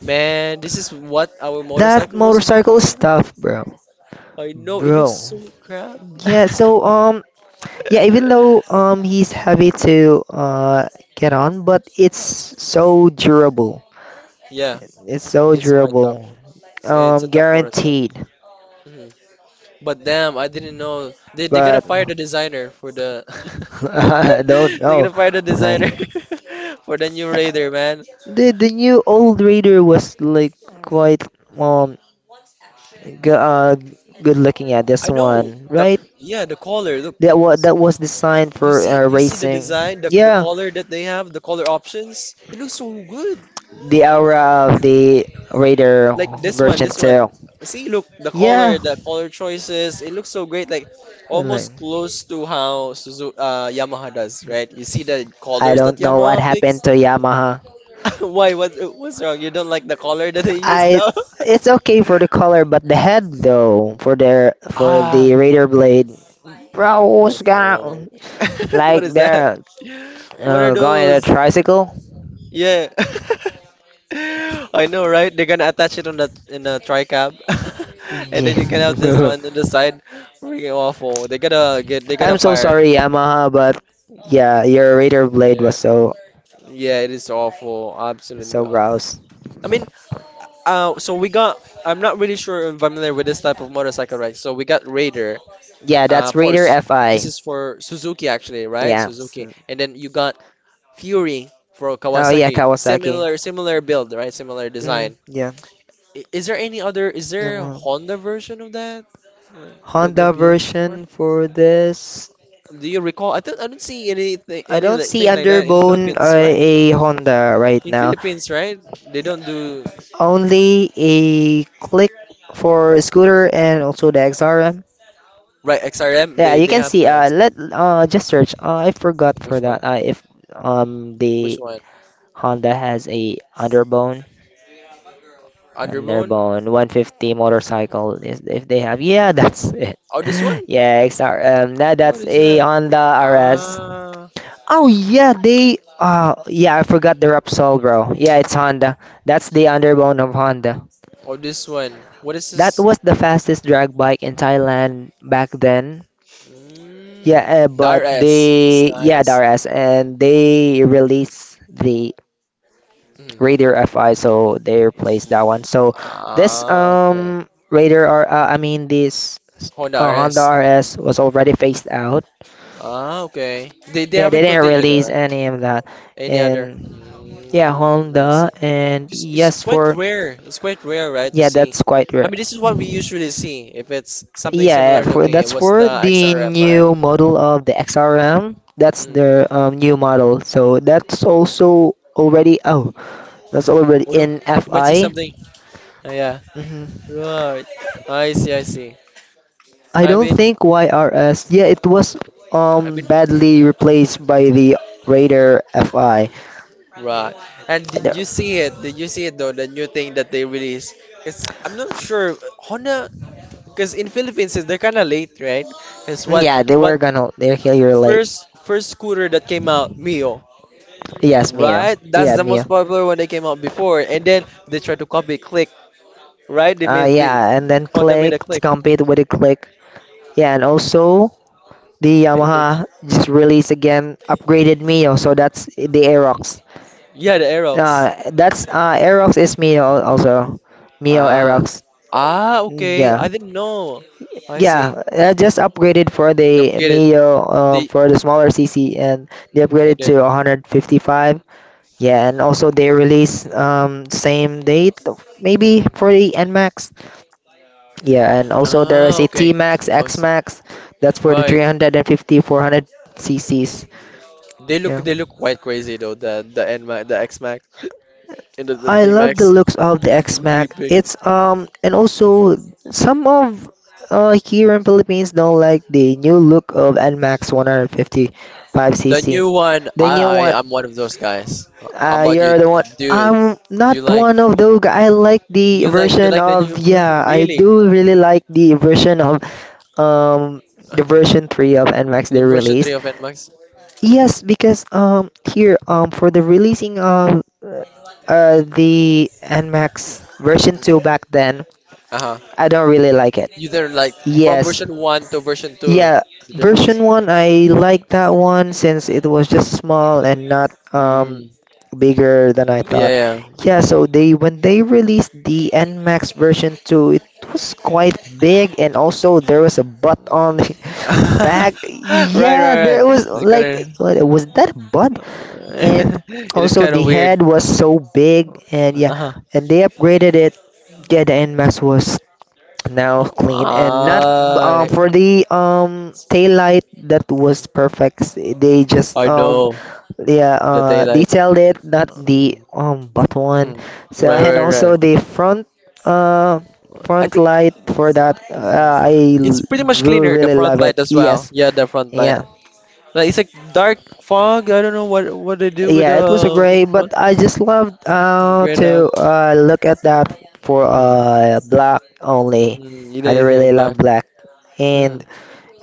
S2: man, this is what our
S1: that
S2: motorcycle was
S1: motorcycle
S2: before.
S1: is tough,
S2: I know it looks
S1: bro.
S2: so crap.
S1: Yeah, so, yeah, even though he's heavy to get on, but it's so durable.
S2: Yeah.
S1: It's so
S2: It's quite tough.
S1: durable,
S2: It's a tough
S1: guaranteed.
S2: motorcycle. Mhm. But damn, I didn't know they gotta
S1: But
S2: fire the designer for the
S1: I don't
S2: they
S1: know,
S2: gotta fire the designer
S1: like
S2: for the new Raider, man.
S1: the new old radar was like quite um. Go, uh, good looking at
S2: I
S1: this
S2: know
S1: one,
S2: the
S1: right?
S2: yeah the collar. Look,
S1: That was designed
S2: you
S1: for,
S2: see you see the
S1: racing.
S2: design, the
S1: Yeah,
S2: collar that they have, the collar options. It looks so good.
S1: the aura of the Raider
S2: Like this one,
S1: version
S2: this
S1: two.
S2: one. See, look,
S1: Yeah,
S2: the color choices, it looks so great, like
S1: I like-
S2: almost close to how Suzu Yamaha does, right? You see the
S1: I
S2: colors that
S1: don't know what
S2: Yamaha picks?
S1: happened to Yamaha.
S2: Why? What, what's wrong? You don't like the color that they use
S1: I
S2: now?
S1: It's okay for the color, but the head though for their, for
S2: Ah,
S1: the Raider blade. Bro,
S2: I
S1: who's
S2: know.
S1: gonna
S2: What
S1: like
S2: is that?
S1: they're,
S2: What are
S1: going on a
S2: those?
S1: tricycle?
S2: Yeah. I know, right? They're gonna attach it on the in a tri-cab. And then you can have this
S1: Yeah.
S2: one in the side. Freaking awful. They gotta
S1: I'm so
S2: fire.
S1: sorry, Yamaha, but yeah, your Raider blade
S2: Yeah.
S1: was so
S2: Yeah, it is awful. Absolutely
S1: so
S2: awful.
S1: gross.
S2: I mean, so we got. I'm not really sure if I'm familiar with this type of motorcycle, right? So we got Raider.
S1: Yeah,
S2: Uh,
S1: that's
S2: for
S1: Raider
S2: s- this
S1: FI.
S2: is for Suzuki actually, right?
S1: Yeah.
S2: Suzuki, and then you got Fury for
S1: Oh yeah,
S2: Kawasaki.
S1: Kawasaki.
S2: Similar, similar build, right? Similar
S1: Mm,
S2: design.
S1: yeah.
S2: I-. Is there any other? Is there a
S1: Yamaha.
S2: Honda version of that? Like, that that
S1: Honda
S2: being before?
S1: version for this.
S2: Do you recall? I don't. I don't see anything,
S1: I
S2: any
S1: don't
S2: li-
S1: see
S2: thing like that in
S1: Underbone,
S2: Philippines, right?
S1: a Honda right
S2: In
S1: now.
S2: Philippines, right? They don't do.
S1: Only a Click for scooter, and also the XRM.
S2: Right, XRM.
S1: Yeah, you
S2: They
S1: can
S2: have
S1: see.
S2: the
S1: Let just search. I forgot for
S2: which
S1: that.
S2: one?
S1: If
S2: Which
S1: the
S2: one?
S1: Honda has a
S2: Underbone?
S1: underbone 150 motorcycle, is if they have. Yeah, that's it.
S2: Oh, this one?
S1: Yeah, XR.
S2: What
S1: That's
S2: is
S1: a
S2: that?
S1: Honda RS.
S2: Ah,
S1: Oh yeah, they. Yeah, I forgot the Repsol, bro. Yeah, it's Honda. That's the underbone of Honda.
S2: oh, this one. What is
S1: That
S2: this?
S1: was the fastest drag bike in Thailand back then. Yeah,
S2: Mm, the
S1: but
S2: RS. It's the
S1: they, yeah, the
S2: RS.
S1: RS, and they release the
S2: Mhm.
S1: Raider FI, so they replaced that one. So this,
S2: Ah, okay.
S1: I mean this,
S2: Honda
S1: Honda
S2: RS.
S1: RS was already phased out.
S2: Ah, okay. They
S1: Yeah, they
S2: haven't
S1: didn't
S2: continued, all
S1: release
S2: right?
S1: any of that.
S2: Any other?
S1: And, yeah,
S2: Mm, I
S1: Honda.
S2: see.
S1: And
S2: 'Cause it's
S1: yes,
S2: quite
S1: for,
S2: rare. It's quite rare, right, to
S1: yeah,
S2: see.
S1: that's quite
S2: I
S1: rare.
S2: mean, this is what we usually see. If it's something
S1: Yeah,
S2: similar
S1: for
S2: looking,
S1: that's
S2: it was
S1: for
S2: the
S1: the
S2: XRM, right?
S1: new model of the XRM. That's
S2: Mm.
S1: their, new model. So that's also already. Oh, that's already
S2: Oh no,
S1: in
S2: you might see
S1: FI.
S2: something. Yeah,
S1: Hmm,
S2: right. I see, I see.
S1: I
S2: I
S1: don't
S2: mean,
S1: think YRS. Yeah, it was
S2: I mean,
S1: badly replaced by the Raider FI.
S2: right. And did you
S1: They're-
S2: see it? Did you see it though? The new thing that they released? Cause I'm not sure Honda. Cause in Philippines, they're kind of late, right? Cause
S1: Yeah, they
S2: what
S1: were gonna they're here late.
S2: first scooter that came out, Mio,
S1: Yes, Mio.
S2: right? That's
S1: Yeah,
S2: the
S1: Mio.
S2: most popular one that came out before. And then they tried to copy Click, right? They made the
S1: Yeah, and then
S2: Honda
S1: click
S2: made a
S1: to
S2: Click.
S1: compete with the click. Yeah, and also the
S2: And then
S1: Yamaha just released again upgraded Mio, so that's the Aerox.
S2: yeah, the Aerox.
S1: That's Aerox is Mio also, Mio
S2: Ah,
S1: Aerox.
S2: ah,
S1: Mm,
S2: okay.
S1: yeah,
S2: I didn't know. I see.
S1: yeah, just upgraded for
S2: I
S1: the
S2: get it.
S1: Mio,
S2: They
S1: for the smaller CC, and they
S2: and
S1: upgraded
S2: then
S1: to 155. Yeah, and also they release same date maybe for the N Max. Yeah, and also there is
S2: ah,
S1: a T
S2: okay.
S1: Max
S2: It
S1: X
S2: must-.
S1: Max. That's for the
S2: Right.
S1: 350 400 CCs.
S2: They look quite crazy though. The N Max, the X Max, and the
S1: I
S2: T
S1: love the
S2: Max,
S1: looks of the
S2: really
S1: X-Mac.
S2: big.
S1: It's and also some of here in Philippines don't like the new look of N Max
S2: The
S1: 155cc.
S2: new one.
S1: The
S2: I
S1: new
S2: I
S1: one.
S2: I'm one of those guys. How about you?
S1: You're the one.
S2: Do you,
S1: I'm
S2: do
S1: not
S2: you like
S1: one of those. I like the
S2: you
S1: version
S2: like the
S1: of,
S2: new version?
S1: yeah. I
S2: Really?
S1: do really like um the version 3 of N Max they
S2: New version three
S1: released.
S2: of N Max?
S1: Yes, because here for the releasing of the NMAX version 2 back then,
S2: Uh huh.
S1: I don't really like it.
S2: You there like from
S1: Yes.
S2: version one to version two.
S1: Yeah,
S2: The difference.
S1: version 1 I like that one since it was just small and not
S2: Mm,
S1: bigger than I thought.
S2: yeah, yeah.
S1: Yeah,
S2: Mm.
S1: so they when they released the NMAX version 2, it was quite big and also there was a butt on the back.
S2: Right,
S1: Yeah,
S2: right,
S1: there
S2: right.
S1: was
S2: Is it
S1: like,
S2: gonna?
S1: what, was that a butt? And
S2: It is
S1: also
S2: kind of
S1: the
S2: weird.
S1: head was so big and yeah,
S2: Uh-huh.
S1: and they upgraded it. Yeah, the end nmax was now clean and not.
S2: I
S1: For the tail light, that was perfect. They just
S2: I know
S1: yeah,
S2: the daylight.
S1: detailed it, not the
S2: Mm,
S1: bottom one.
S2: mm.
S1: So
S2: Right,
S1: and
S2: right, right.
S1: also the uh
S2: I
S1: front
S2: think
S1: light for that.
S2: mm, it's pretty much
S1: Really,
S2: cleaner. The
S1: really
S2: front
S1: love it.
S2: light as well.
S1: Yes,
S2: Yeah, the front light.
S1: yeah.
S2: Like it's like dark fog. I don't know what they do
S1: Yeah, it was a
S2: with
S1: great,
S2: the front.
S1: but I just loved
S2: Grayed out.
S1: to look at that for
S2: Mm,
S1: black only.
S2: mm, you know,
S1: I don't
S2: it's
S1: really
S2: like
S1: love
S2: black.
S1: black.
S2: Mm.
S1: And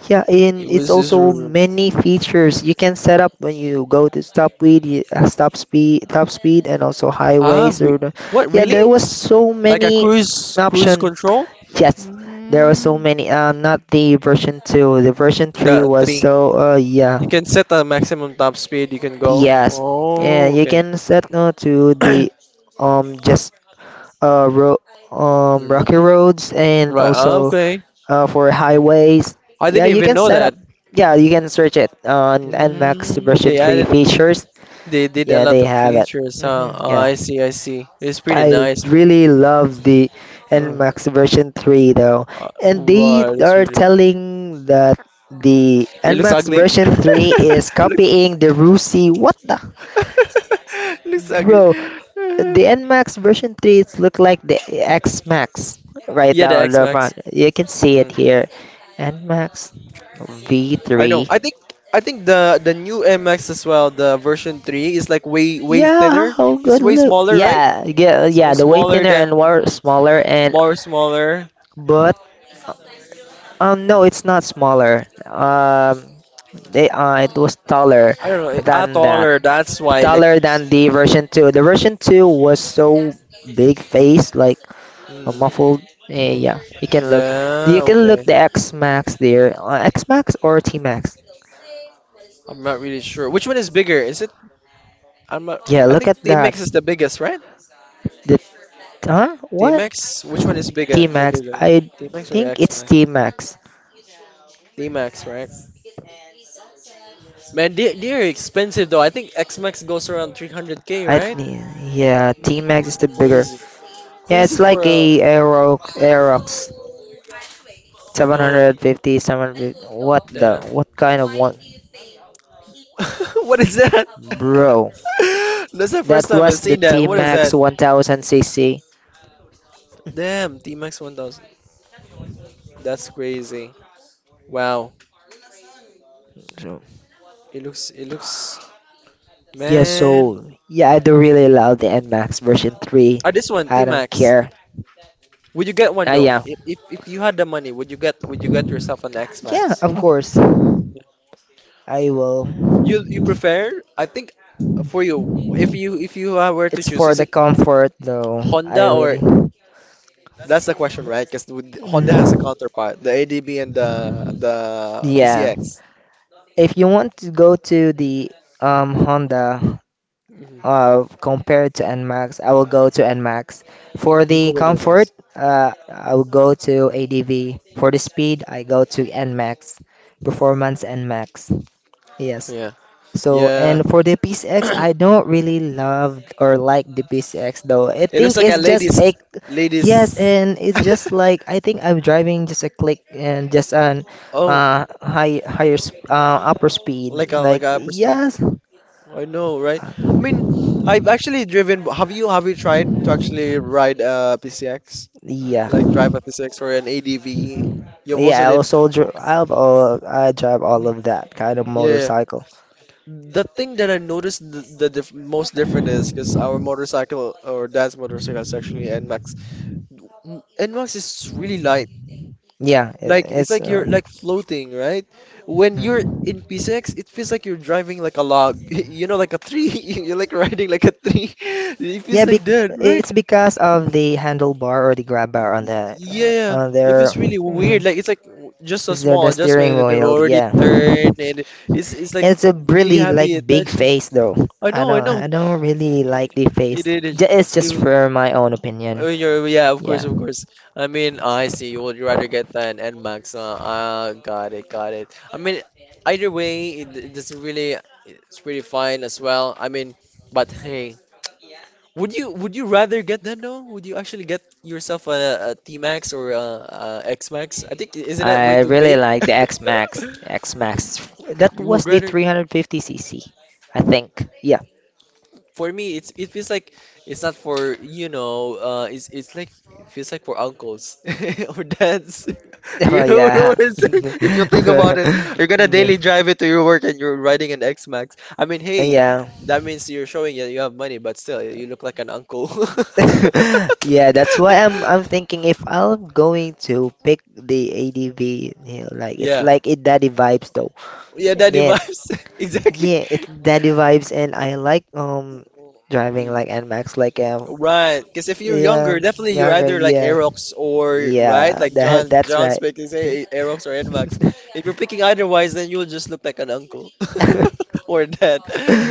S1: yeah, and
S2: It
S1: it's
S2: was just.
S1: also
S2: r-.
S1: many features you can set up when you go to stop speed, you- stop speed, top speed, and also
S2: Ah,
S1: highways.
S2: re what
S1: Yeah,
S2: really?
S1: there was so
S2: Like a
S1: many
S2: cruise
S1: option.
S2: control?
S1: Yes, there were so
S2: Mm,
S1: many. Not the version 2. The version 3
S2: the
S1: was
S2: three.
S1: so.
S2: You
S1: Yeah.
S2: can set a maximum top speed you can go.
S1: Yes, yeah,
S2: Oh,
S1: you
S2: okay.
S1: can set no to the just ro
S2: Mm,
S1: rocky roads and
S2: right. Ah,
S1: also
S2: okay.
S1: for highways.
S2: I
S1: Yeah,
S2: didn't
S1: you
S2: even
S1: can
S2: know
S1: set up.
S2: that.
S1: Yeah, you can search it on Nmax
S2: Mm,
S1: version
S2: they
S1: 3
S2: added,
S1: features.
S2: they did a
S1: Yeah,
S2: lot
S1: they
S2: of
S1: have it.
S2: features. Huh?
S1: Hmm,
S2: Ah,
S1: yeah.
S2: I see. I see. It's pretty
S1: I
S2: nice.
S1: really love the
S2: Uh,
S1: Nmax version 3 though. And they
S2: wow, it looks
S1: are
S2: really.
S1: telling that the
S2: It looks
S1: Nmax
S2: ugly.
S1: version 3 is
S2: Looks,
S1: copying the RUSI. What the?
S2: looks ugly.
S1: Bro, the NMAX version 3 it's look like the XMAX right
S2: Yeah,
S1: now
S2: the
S1: on
S2: X
S1: the
S2: Max.
S1: front. You can see it
S2: Mm.
S1: here. NMAX
S2: I know.
S1: V3.
S2: I think the new MX as well, the version 3 is like way
S1: Yeah,
S2: thinner.
S1: how
S2: It's
S1: good
S2: way
S1: look.
S2: smaller, right?
S1: Yeah, yeah,
S2: So
S1: yeah. The way
S2: smaller
S1: thinner and
S2: than
S1: more smaller, and
S2: more smaller.
S1: but no, it's not smaller. They it was taller
S2: I don't know. Ah,
S1: than that.
S2: taller. That's why like
S1: Taller than the version 2. The version 2 was so big face, like a
S2: hmm.
S1: muffled. Yeah, you can look.
S2: Yeah,
S1: You can look
S2: okay.
S1: the X Max there. X Max or T Max?
S2: I'm not really sure. Which one is bigger? Is it I'm not
S1: Yeah,
S2: I
S1: look
S2: think
S1: at that.
S2: TMX is the biggest, right?
S1: The huh? What?
S2: TMX, which one is bigger?
S1: T
S2: The
S1: Max.
S2: bigger.
S1: I
S2: TMX or
S1: think
S2: X
S1: it's
S2: XMAX?
S1: T Max.
S2: TMX, right? Man, they're expensive though. I think X Max goes around 300k, right?
S1: Yeah,
S2: Mm,
S1: T Max is the bigger.
S2: crazy.
S1: Yeah,
S2: Crazy
S1: it's
S2: for
S1: like
S2: a.
S1: a Aerox
S2: I know.
S1: 750. What the?
S2: Damn.
S1: What kind of one,
S2: what is that?
S1: bro?
S2: That's the
S1: That
S2: first time I've
S1: was the
S2: seen that.
S1: T
S2: What is that?
S1: Max 1000cc.
S2: Damn, T-Max 1000. That's crazy. Wow.
S1: So,
S2: It looks. It looks.
S1: yeah,
S2: Man.
S1: so, yeah, I do really love the N Max version 3.
S2: Ah, this one,
S1: I don't
S2: T-Max.
S1: care.
S2: Would you get one
S1: Ah,
S2: though?
S1: yeah,
S2: If you had the money, would you get yourself an
S1: yeah,
S2: X-Max?
S1: of course. I will.
S2: You prefer? I think for you, if you were to
S1: It's
S2: choose,
S1: for
S2: is
S1: the
S2: it
S1: comfort though. I
S2: Honda
S1: really.
S2: or— that's the question, right? Because Honda has a
S1: Mm,
S2: counterpart, the ADB and the
S1: yeah.
S2: PCX.
S1: If you want to go to the Honda
S2: Mhm.
S1: compared to NMAX, I will go to NMAX. For
S2: You
S1: the
S2: go with the
S1: comfort,
S2: mice.
S1: I will go to ADV. For the speed, I go to NMAX. Performance NMAX. Yes.
S2: Yeah,
S1: So,
S2: yeah.
S1: and for the PCX, I don't really love or like the PCX though. I
S2: It looks
S1: think
S2: like a
S1: it's just
S2: ladies,
S1: a, yes,
S2: ladies.
S1: and it's just like I think I'm driving just a click and just an
S2: Oh,
S1: high higher sp upper
S2: like
S1: speed.
S2: a like
S1: Like,
S2: a upper speed.
S1: yes,
S2: I know, right?
S1: uh,
S2: I mean, I've actually driven. Have you tried to actually ride a PCX,
S1: yeah,
S2: like drive a PCX or an ADV? You've
S1: yeah.
S2: also did. Okay.
S1: I drive all
S2: Mm.
S1: of that kind of
S2: Yeah.
S1: motorcycle.
S2: The thing that I noticed the diff most different is because our motorcycle or dad's motorcycle is actually NMAX. N- NMAX is really light.
S1: Yeah, it,
S2: Like it's
S1: it's
S2: like you're
S1: uh,
S2: like floating, right? When you're
S1: Hmm.
S2: in P6, it feels like you're driving like a log, you know, like a tree. You're like riding like a tree. It
S1: Yeah,
S2: feels
S1: bec
S2: like that,
S1: it's
S2: right?
S1: because of the handlebar or the grab bar on the
S2: Yeah, yeah.
S1: on
S2: It feels
S1: their.
S2: really weird.
S1: Mhm.
S2: Like it's like w- just a
S1: Is there
S2: small
S1: the
S2: adjustment
S1: steering
S2: and they've
S1: wheel?
S2: already
S1: Yeah,
S2: turned and
S1: And
S2: it's like
S1: it's a
S2: really
S1: really like
S2: heavy
S1: big
S2: attention.
S1: face though.
S2: I
S1: I
S2: know, I
S1: don't
S2: know.
S1: I don't really like the
S2: You
S1: face.
S2: did it. Is—
S1: It's
S2: you—
S1: just for my own opinion.
S2: oh, you're, yeah, of course,
S1: Yeah,
S2: of course. I mean, ah, I see. You would rather get an NMAX. Got it, got it. I mean, either way, it doesn't really. It's pretty fine as well. I mean, but hey, would you rather get that though? Would you actually get yourself a T-Max or a X-Max? I think isn't that way
S1: I
S2: too
S1: really
S2: big?
S1: like the X Max. X Max that
S2: You
S1: was
S2: would
S1: the
S2: rather.
S1: 350cc, I think. Yeah.
S2: For me it's it feels like it's not for it's like it feels like for uncles or dads. You
S1: Oh
S2: know
S1: yeah.
S2: what I'm saying? If you think about it, you're gonna
S1: Yeah.
S2: daily drive it to your work and you're riding an X-Max. I mean, hey,
S1: Yeah.
S2: that means you're showing that you have money, but still, you look like an uncle.
S1: Yeah, that's why I'm thinking if I'm going to pick the ADV, like it's
S2: Yeah.
S1: like it daddy vibes though.
S2: Yeah, daddy
S1: Yeah.
S2: vibes. Exactly.
S1: Yeah, it's daddy vibes and I like driving like N Max, like
S2: Right, because if you're younger,
S1: yeah,
S2: definitely you're
S1: younger,
S2: either like
S1: yeah.
S2: Aerox or right,
S1: Yeah,
S2: like
S1: that
S2: John
S1: that's
S2: John's
S1: right.
S2: making say Aerox or Nmax. If you're picking otherwise, then you'll just look like an uncle or dad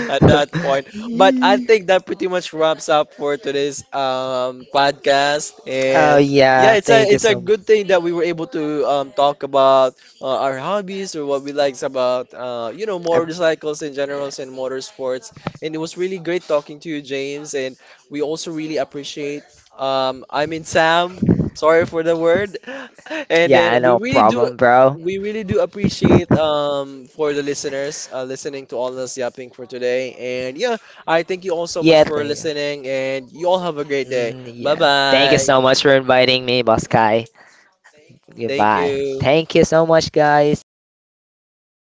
S2: at that point. But I think that pretty much wraps up for today's podcast.
S1: Oh
S2: And
S1: yeah,
S2: yeah, it's a
S1: thank you
S2: it's a
S1: so much.
S2: good thing that we were able to talk about our hobbies or what we likes about
S1: Uh,
S2: motorcycles in generals and motorsports. And it was really great talking to you, James. And we also really appreciate. I mean Sam. Sorry for the word. And
S1: yeah,
S2: then
S1: no problem, bro.
S2: we really do appreciate for the listeners listening to all us yapping for today. And yeah, I thank you all so much
S1: Yeah,
S2: for
S1: thank you.
S2: listening. And you all have a great day.
S1: Mm,
S2: Bye
S1: yeah. Thank you
S2: bye.
S1: so much for inviting me, Boss Kai.
S2: Thank
S1: Goodbye.
S2: you.
S1: Thank you so much, guys.